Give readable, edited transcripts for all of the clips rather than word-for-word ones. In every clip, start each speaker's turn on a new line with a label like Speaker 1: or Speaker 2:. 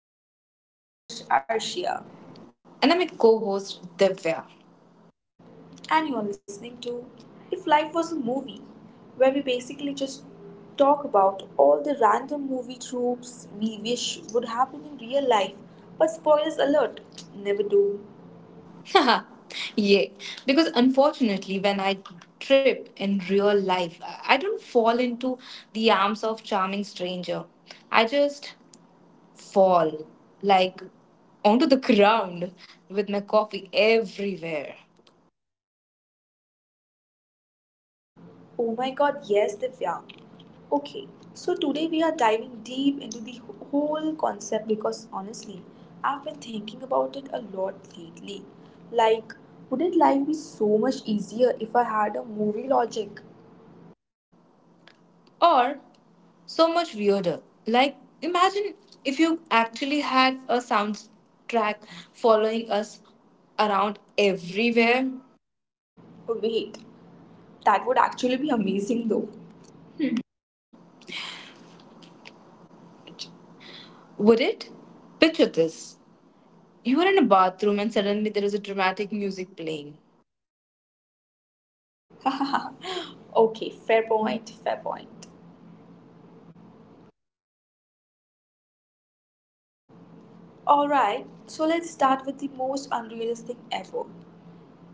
Speaker 1: episode. I'm your host Arshia,
Speaker 2: And I'm a co host, Divya.
Speaker 1: and you're listening to If Life Was a Movie, where we basically just talk about all the random movie tropes we wish would happen in real life. But spoilers alert, never do.
Speaker 2: Yeah, because unfortunately, when I trip in real life, I don't fall into the arms of charming stranger. I just fall like onto the ground with my coffee everywhere.
Speaker 1: Oh my god, yes, Divya. Okay, so today we are diving deep into the whole concept because honestly, I've been thinking about it a lot lately. Like, wouldn't life be so much easier if I had a movie logic?
Speaker 2: Or so much weirder. Like, imagine if you actually had a soundtrack following us around everywhere.
Speaker 1: Oh, wait, that would actually be amazing though.
Speaker 2: Would it? Picture this. You were in a bathroom and suddenly there is a dramatic music playing.
Speaker 1: Okay, fair point, fair point. Alright, so let's start with the most unrealistic ever,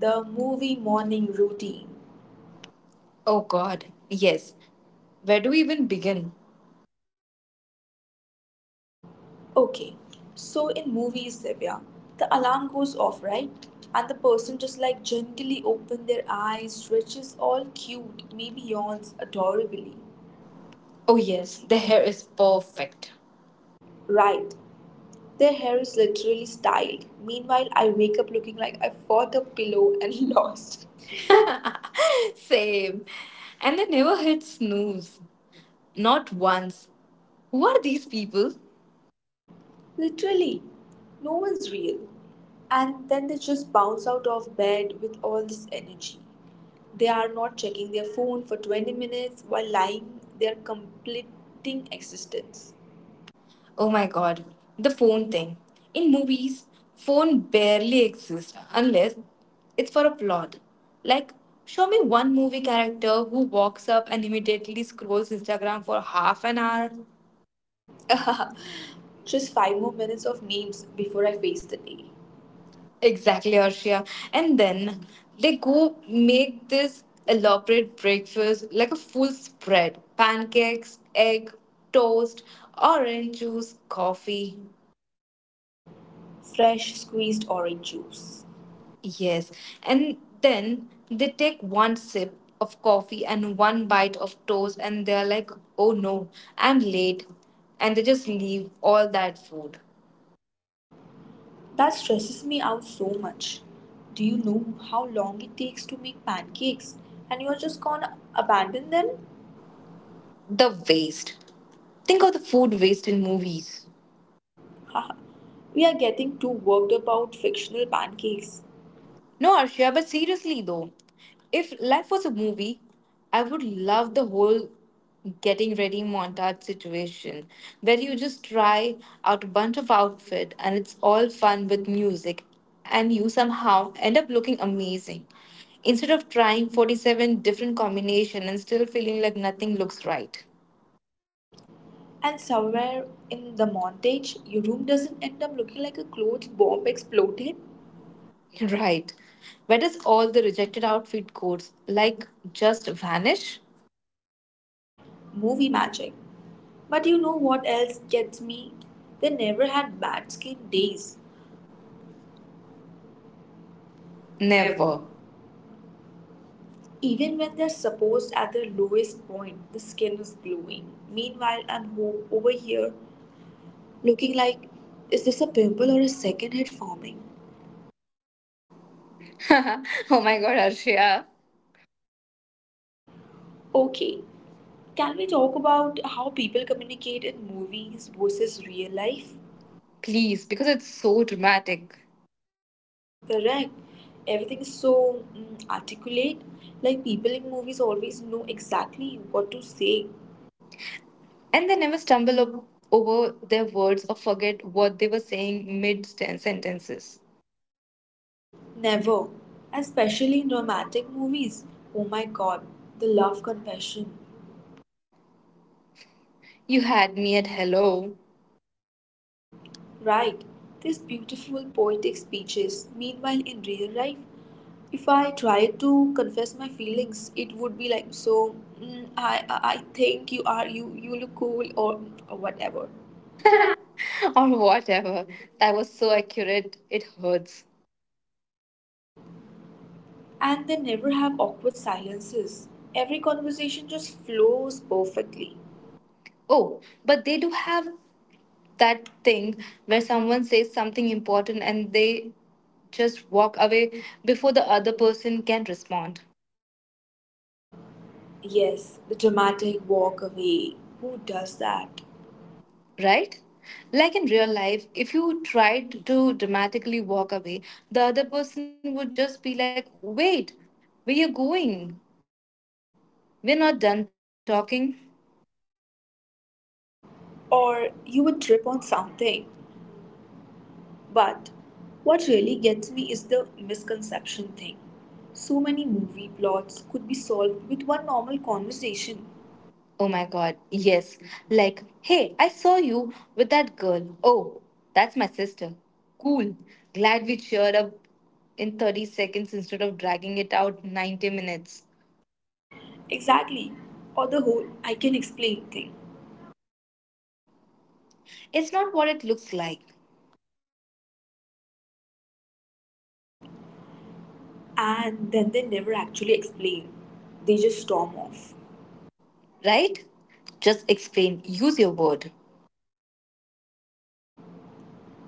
Speaker 1: the movie morning routine.
Speaker 2: Oh god, yes. Where do we even begin?
Speaker 1: Okay, so in movies, Divya, the alarm goes off, right? And the person just like gently open their eyes, stretches all cute, maybe yawns adorably.
Speaker 2: Oh yes, the hair is perfect.
Speaker 1: Right, their hair is literally styled. Meanwhile, I wake up looking like I fought a pillow and lost.
Speaker 2: Same. And they never hit snooze. Not once. Who are these people?
Speaker 1: Literally, no one's real. And then they just bounce out of bed with all this energy. They are not checking their phone for 20 minutes while lying, they are completing existence.
Speaker 2: Oh my god, the phone thing. In movies, phone barely exists unless it's for a plot. Like, show me one movie character who walks up and immediately scrolls Instagram for half an hour.
Speaker 1: Just five more minutes of memes before I face the day.
Speaker 2: Exactly, Arshia. And then they go make this elaborate breakfast like a full spread: pancakes, egg, toast, orange juice, coffee.
Speaker 1: Fresh squeezed orange juice.
Speaker 2: Yes. And then they take one sip of coffee and one bite of toast, and they're like, oh no, I'm late. And they just leave all that food.
Speaker 1: That stresses me out so much. Do you know how long it takes to make pancakes and you are just gonna abandon them?
Speaker 2: The waste. Think of the food waste in movies.
Speaker 1: Haha, we are getting too worked about fictional pancakes.
Speaker 2: No, Arshia, but seriously though, if life was a movie, I would love the whole getting ready montage situation where you just try out a bunch of outfit and it's all fun with music and you somehow end up looking amazing instead of trying 47 different combination and still feeling like nothing looks right.
Speaker 1: And somewhere in the montage, your room doesn't end up looking like a clothes bomb exploded.
Speaker 2: Right, where does all the rejected outfit codes like just vanish?
Speaker 1: Movie magic. But you know what else gets me? They never had bad skin days.
Speaker 2: Never.
Speaker 1: Even when they're supposed at their lowest point, the skin is glowing. Meanwhile, I'm over here looking like, is this a pimple or a second head forming?
Speaker 2: Oh my god, Arshia,
Speaker 1: Okay, can we talk about how people communicate in movies versus real life?
Speaker 2: please, because it's so dramatic.
Speaker 1: Correct. Everything is so articulate. Like people in movies always know exactly what to say.
Speaker 2: And they never stumble up over their words or forget what they were saying mid sentences.
Speaker 1: Never. Especially in romantic movies. Oh my god, the love confession.
Speaker 2: You had me at hello.
Speaker 1: Right. These beautiful poetic speeches. Meanwhile, in real life, if I try to confess my feelings, it would be like, so I think you are you look cool, or whatever.
Speaker 2: Or whatever. That was so accurate, it hurts.
Speaker 1: And they never have awkward silences. Every conversation just flows perfectly.
Speaker 2: Oh, but they do have that thing where someone says something important and they just walk away before the other person can respond.
Speaker 1: Yes, the dramatic walk away. Who does that?
Speaker 2: Right? Like in real life, if you tried to dramatically walk away, the other person would just be like, wait, where you going? We're not done talking.
Speaker 1: Or you would trip on something. But what really gets me is the misconception thing. So many movie plots could be solved with one normal conversation.
Speaker 2: Oh my god, yes. Like, hey, I saw you with that girl. Oh, that's my sister. Cool. Glad we cheered up in 30 seconds instead of dragging it out 90 minutes.
Speaker 1: Exactly. Or the whole I can explain thing.
Speaker 2: It's not what it looks like.
Speaker 1: And then they never actually explain. They just storm off.
Speaker 2: Right? Just explain. Use your word.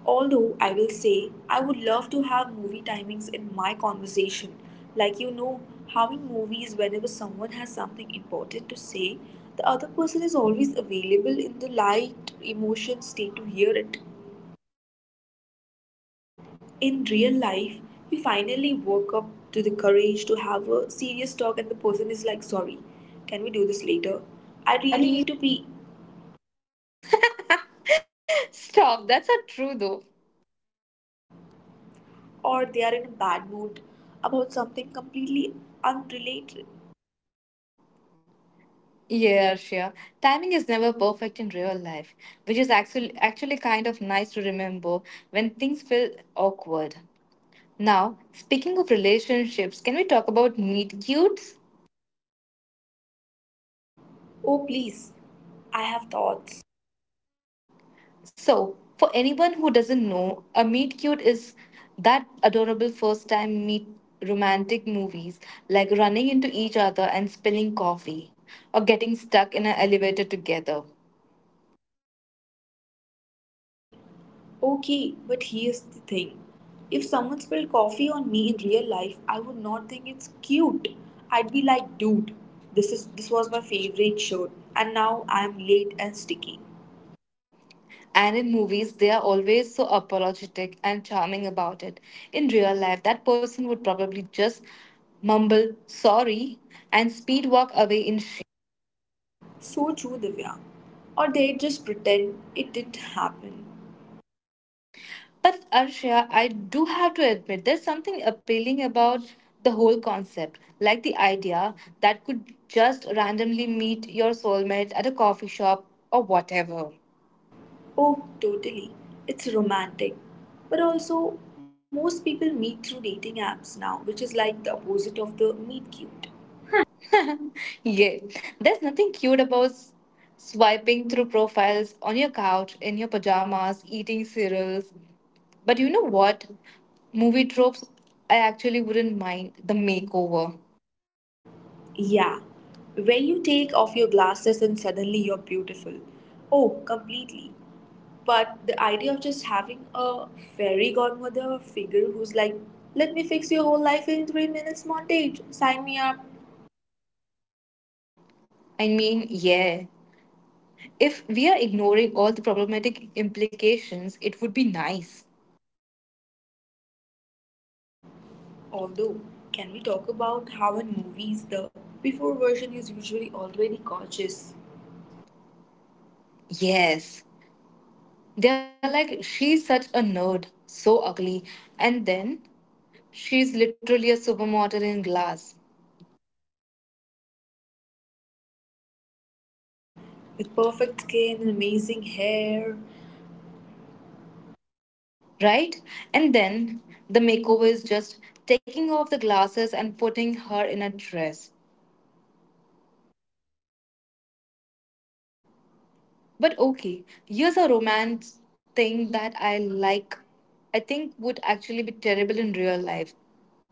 Speaker 1: Although I will say I would love to have movie timings in my conversation. Like you know how in movies whenever someone has something important to say, the other person is always available in the light emotion state to hear it. In real life you finally woke up to the courage to have a serious talk and the person is like, sorry, can we do this later, I really need to
Speaker 2: I
Speaker 1: be.
Speaker 2: stop. That's not true, though.
Speaker 1: Or they are in a bad mood about something completely unrelated.
Speaker 2: Yeah, sure. Timing is never perfect in real life, which is actually kind of nice to remember when things feel awkward. Now, speaking of relationships, can we talk about meet cutes?
Speaker 1: Oh please, I have thoughts.
Speaker 2: So, for anyone who doesn't know, a meet cute is that adorable first time meet romantic movies like running into each other and spilling coffee or getting stuck in an elevator together.
Speaker 1: Okay, but here's the thing, if someone spilled coffee on me in real life I would not think it's cute. I'd be like, dude, this was my favorite shirt and now I'm late and sticky.
Speaker 2: And in movies, they are always so apologetic and charming about it. In real life, that person would probably just mumble sorry and speed walk away in shame.
Speaker 1: So true, Divya. Or they just pretend it didn't happen.
Speaker 2: But Arshia, I do have to admit, there's something appealing about the whole concept, like the idea that could just randomly meet your soulmate at a coffee shop or whatever.
Speaker 1: Oh, totally. It's romantic. But also, most people meet through dating apps now, which is like the opposite of the meet cute.
Speaker 2: Yeah, there's nothing cute about swiping through profiles on your couch, in your pajamas, eating cereals. But you know what? Movie tropes, I actually wouldn't mind the makeover.
Speaker 1: Yeah, where you take off your glasses and suddenly you're beautiful. Oh, completely. But the idea of just having a fairy godmother figure who's like, let me fix your whole life in 3 minutes montage, sign me up.
Speaker 2: I mean, yeah. If we are ignoring all the problematic implications, it would be nice.
Speaker 1: Although, can we talk about how in movies the before version is usually already gorgeous
Speaker 2: Yes. They're like, she's such a nerd, so ugly. And then, she's literally a supermodel in glass.
Speaker 1: with perfect skin and amazing hair?
Speaker 2: Right? And then the makeover is just taking off the glasses and putting her in a dress. But okay, here's a romance thing that I like, I think would actually be terrible in real life,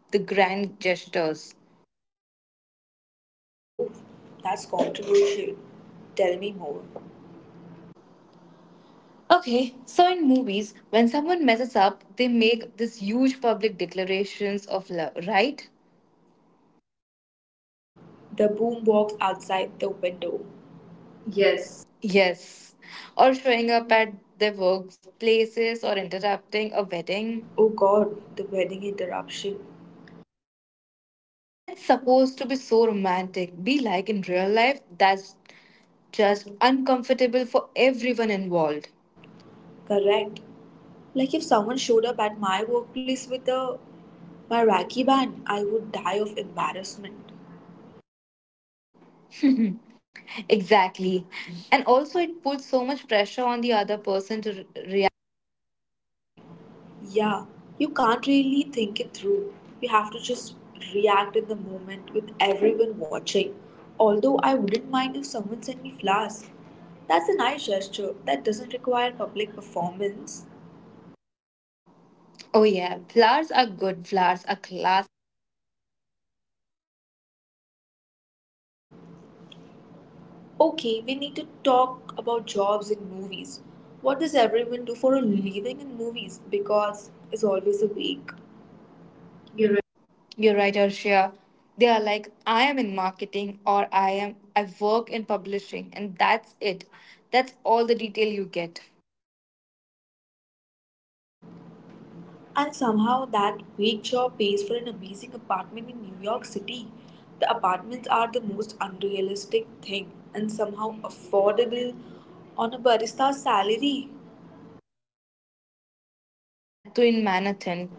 Speaker 2: the grand gestures.
Speaker 1: Oh, that's controversial. Tell me more.
Speaker 2: Okay, so in movies, when someone messes up, they make these huge public declarations of love, right?
Speaker 1: The boombox outside the window. Yes.
Speaker 2: Yes. Or showing up at their workplaces or interrupting a wedding.
Speaker 1: Oh god, the wedding interruption.
Speaker 2: And it's supposed to be so romantic. Be like in real life, that's just uncomfortable for everyone involved.
Speaker 1: Correct. Like if someone showed up at my workplace with a my Raki band, I would die of embarrassment.
Speaker 2: Exactly. And also, it puts so much pressure on the other person to react publicly.
Speaker 1: Yeah, you can't really think it through. You have to just react in the moment with everyone watching. Although I wouldn't mind if someone sent me flowers. That's a nice gesture that doesn't require public performance.
Speaker 2: Oh, yeah. Flowers are good. Flowers are classic.
Speaker 1: Okay, we need to talk about jobs in movies. What does everyone do for a living in movies? Because it's always a week.
Speaker 2: You're right, Arshia. They are like, I am in marketing or I work in publishing and that's it. That's all the detail you get.
Speaker 1: And somehow that vague job pays for an amazing apartment in New York City. The apartments are the most unrealistic thing and somehow affordable on a barista's salary.
Speaker 2: That too in Manhattan.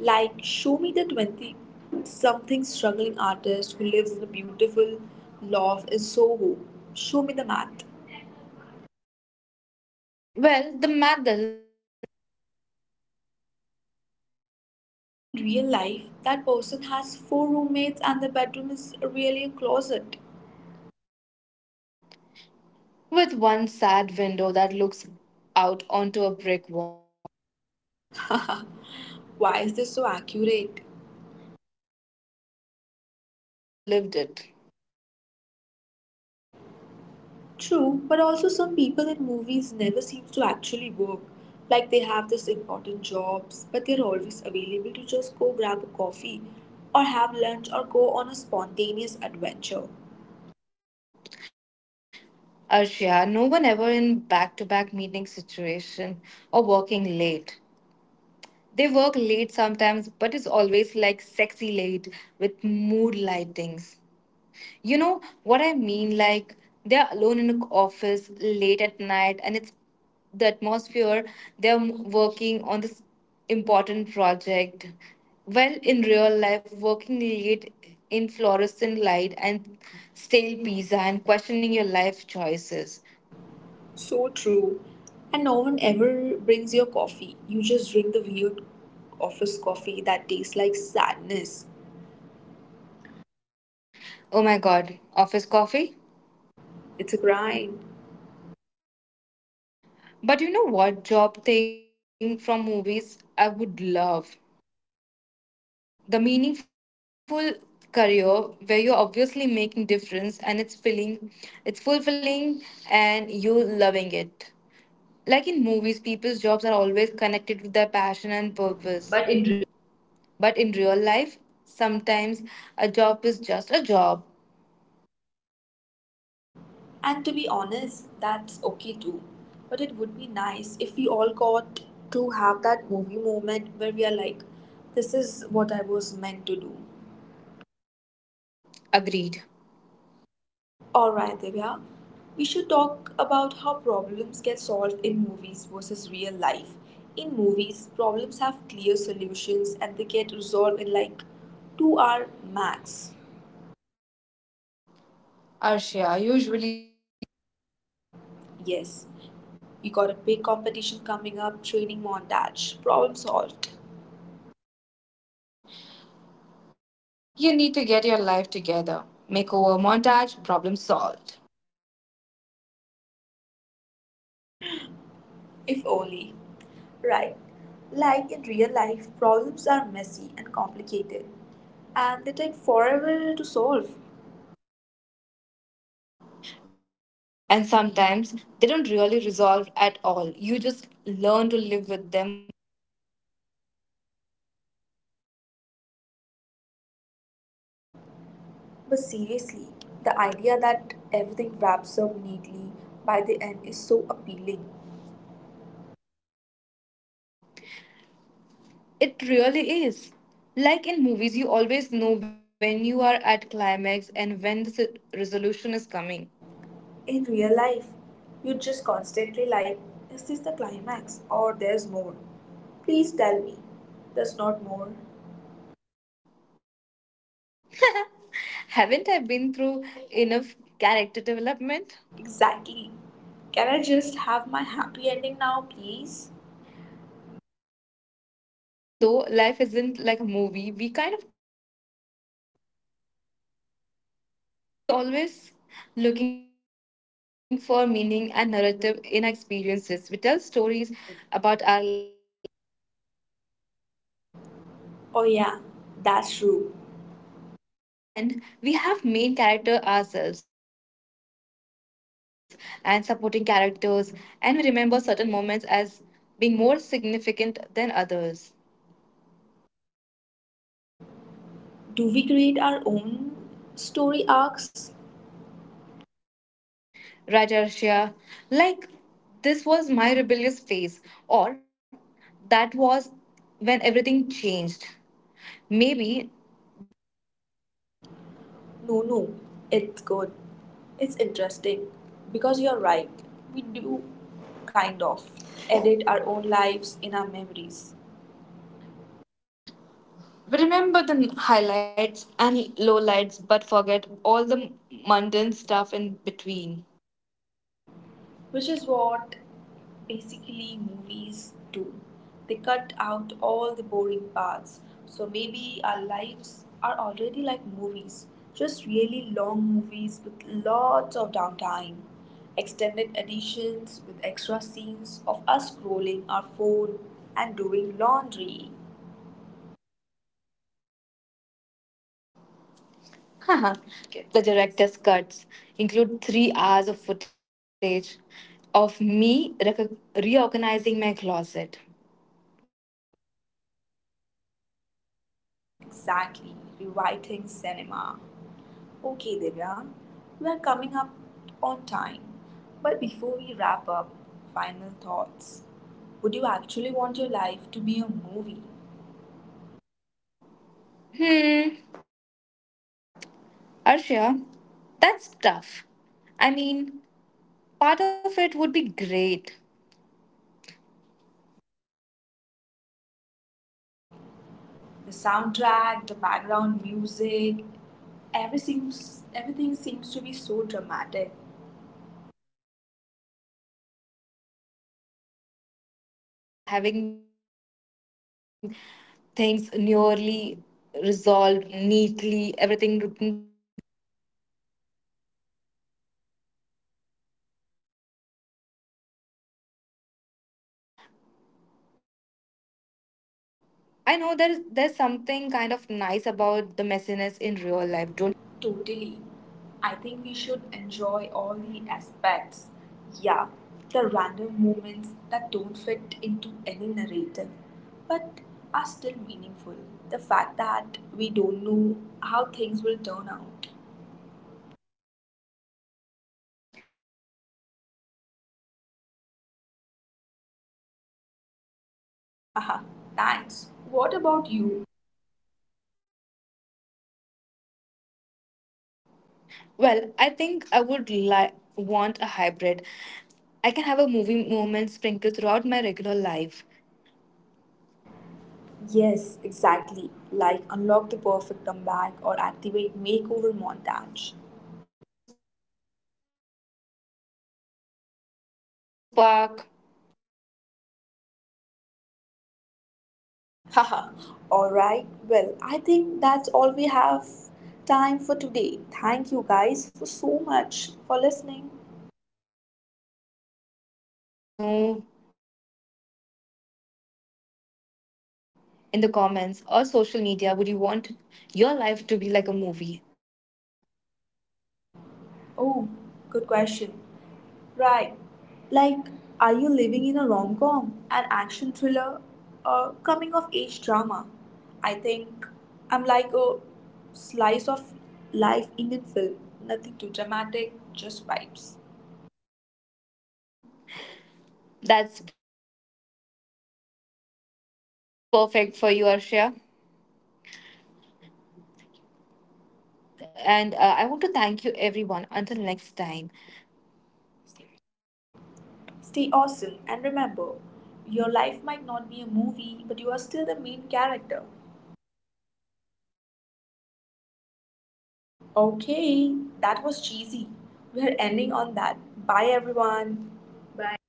Speaker 1: Like, show me the 20 something struggling artist who lives in a beautiful loft in Soho. Show me the math.
Speaker 2: Well, the math doesn't exist.
Speaker 1: In real life, that person has four roommates and the bedroom is really a closet.
Speaker 2: With one sad window that looks out onto a brick wall.
Speaker 1: Why is this so accurate?
Speaker 2: Well, because we will have lived it.
Speaker 1: True, but also some people in movies never seems to actually work. Like they have this important jobs, but they're always available to just go grab a coffee or have lunch or go on a spontaneous adventure.
Speaker 2: Arshia, no one ever in back to back meeting situation or working late. They work late sometimes, but it's always like sexy late with mood lightings. You know what I mean? Like they're alone in the office late at night, and it's the atmosphere. They're working on this important project. Well, in real life, working late in fluorescent light and stale pizza and questioning your life choices.
Speaker 1: So true. And no one ever brings your coffee. You just drink the weird office coffee that tastes like sadness.
Speaker 2: Oh my god, office coffee?
Speaker 1: It's a grind.
Speaker 2: But you know what job thing from movies I would love? The meaningful career where you're obviously making difference and it's fulfilling and you're loving it. Like in movies, people's jobs are always connected with their passion and purpose,
Speaker 1: But in real life,
Speaker 2: but in real life, sometimes a job is just a job.
Speaker 1: and to be honest, that's okay too. But it would be nice if we all got to have that movie moment where we are like, this is what I was meant to do.
Speaker 2: Agreed.
Speaker 1: Alright, Divya, we should talk about how problems get solved in movies versus real life. In movies, problems have clear solutions and they get resolved in like 2-hour max.
Speaker 2: Arshia, usually with a montage.
Speaker 1: Yes, you got a big competition coming up, training montage, problem solved.
Speaker 2: You need to get your life together, makeover montage, problem solved.
Speaker 1: If only. Right. Like in real life, problems are messy and complicated, and they take forever to solve.
Speaker 2: And sometimes they don't really resolve at all. You just learn to live with them or work around them.
Speaker 1: But seriously, the idea that everything wraps up neatly by the end is so appealing.
Speaker 2: It really is. Like in movies, you always know when you are at climax and when the resolution is coming.
Speaker 1: In real life, you just constantly like, is this the climax or there's more? Please tell me, there's not more.
Speaker 2: Haven't I been through enough character development?
Speaker 1: Exactly. Can I just have my happy ending now, please?
Speaker 2: But you know, even though life isn't like a movie, we kind of treat it like one sometime. We always looking for meaning and narrative in experiences. We tell stories about our lives.
Speaker 1: Oh, yeah, that's true.
Speaker 2: And we have main character ourselves and supporting characters and we remember certain moments as being more significant than others.
Speaker 1: Do we create our own story arcs?
Speaker 2: Right, Arshia? Like, this was my rebellious phase, or that was when everything changed. Maybe that's too much.
Speaker 1: No, no. It's good. It's interesting. Because you're right. We do, kind of, edit our own lives in our memories.
Speaker 2: Remember the highlights and lowlights, but forget all the mundane stuff in between.
Speaker 1: Which is what basically movies do. They cut out all the boring parts. So maybe our lives are already like movies, just really long movies with lots of downtime, extended editions with extra scenes of us scrolling our phone and doing laundry.
Speaker 2: Haha, the director's cuts include 3 hours of footage of me reorganizing my closet. Do you believe that?
Speaker 1: Exactly, rewriting cinema. Okay, Divya, we're coming up on time. But before we wrap up, final thoughts. Would you actually want your life to be a movie?
Speaker 2: Hmm, Arshia, that's tough. I mean, part of it would be great.
Speaker 1: The soundtrack, the background music, everything seems to be so dramatic.
Speaker 2: Yes, the soundtrack, the perfect timing, having things nearly resolved neatly, everything looking so fabulous and good all the time. But also, I know there's something kind of nice about the messiness in real life, don't you think?
Speaker 1: Totally. I think we should enjoy all the aspects. Yeah, the random moments that don't fit into any narrative, but are still meaningful. The fact that we don't know how things will turn out.
Speaker 2: Hmm, that's actually really beautiful, Arshia.
Speaker 1: Haha, thanks. What about you?
Speaker 2: Well, I think I would like want a hybrid. I can have a movie moment sprinkled throughout my regular life,
Speaker 1: Yes, exactly. Like unlock the perfect comeback or activate makeover montage.
Speaker 2: or just purchase the always finding parking expansion park.
Speaker 1: Haha, alright. Well, I think that's all we have time for today. Thank you guys for so much for listening.
Speaker 2: Yes, thank you. And let us know in the comments or social media, would you want your life to be like a movie, and if so,
Speaker 1: Oh,
Speaker 2: what
Speaker 1: good
Speaker 2: genre?
Speaker 1: question. Right. Like, are you living in a rom com, an action thriller, or coming of age drama? I think I'm like a slice of life Indian film. Nothing too dramatic, just vibes.
Speaker 2: That's perfect for you, Arshia. And I want to thank you everyone until next time.
Speaker 1: Stay awesome and remember, your life might not be a movie, but you are still the main character.
Speaker 2: Oh, I
Speaker 1: Okay,
Speaker 2: love
Speaker 1: that
Speaker 2: that.
Speaker 1: was cheesy. We're ending on that. Bye everyone. Bye.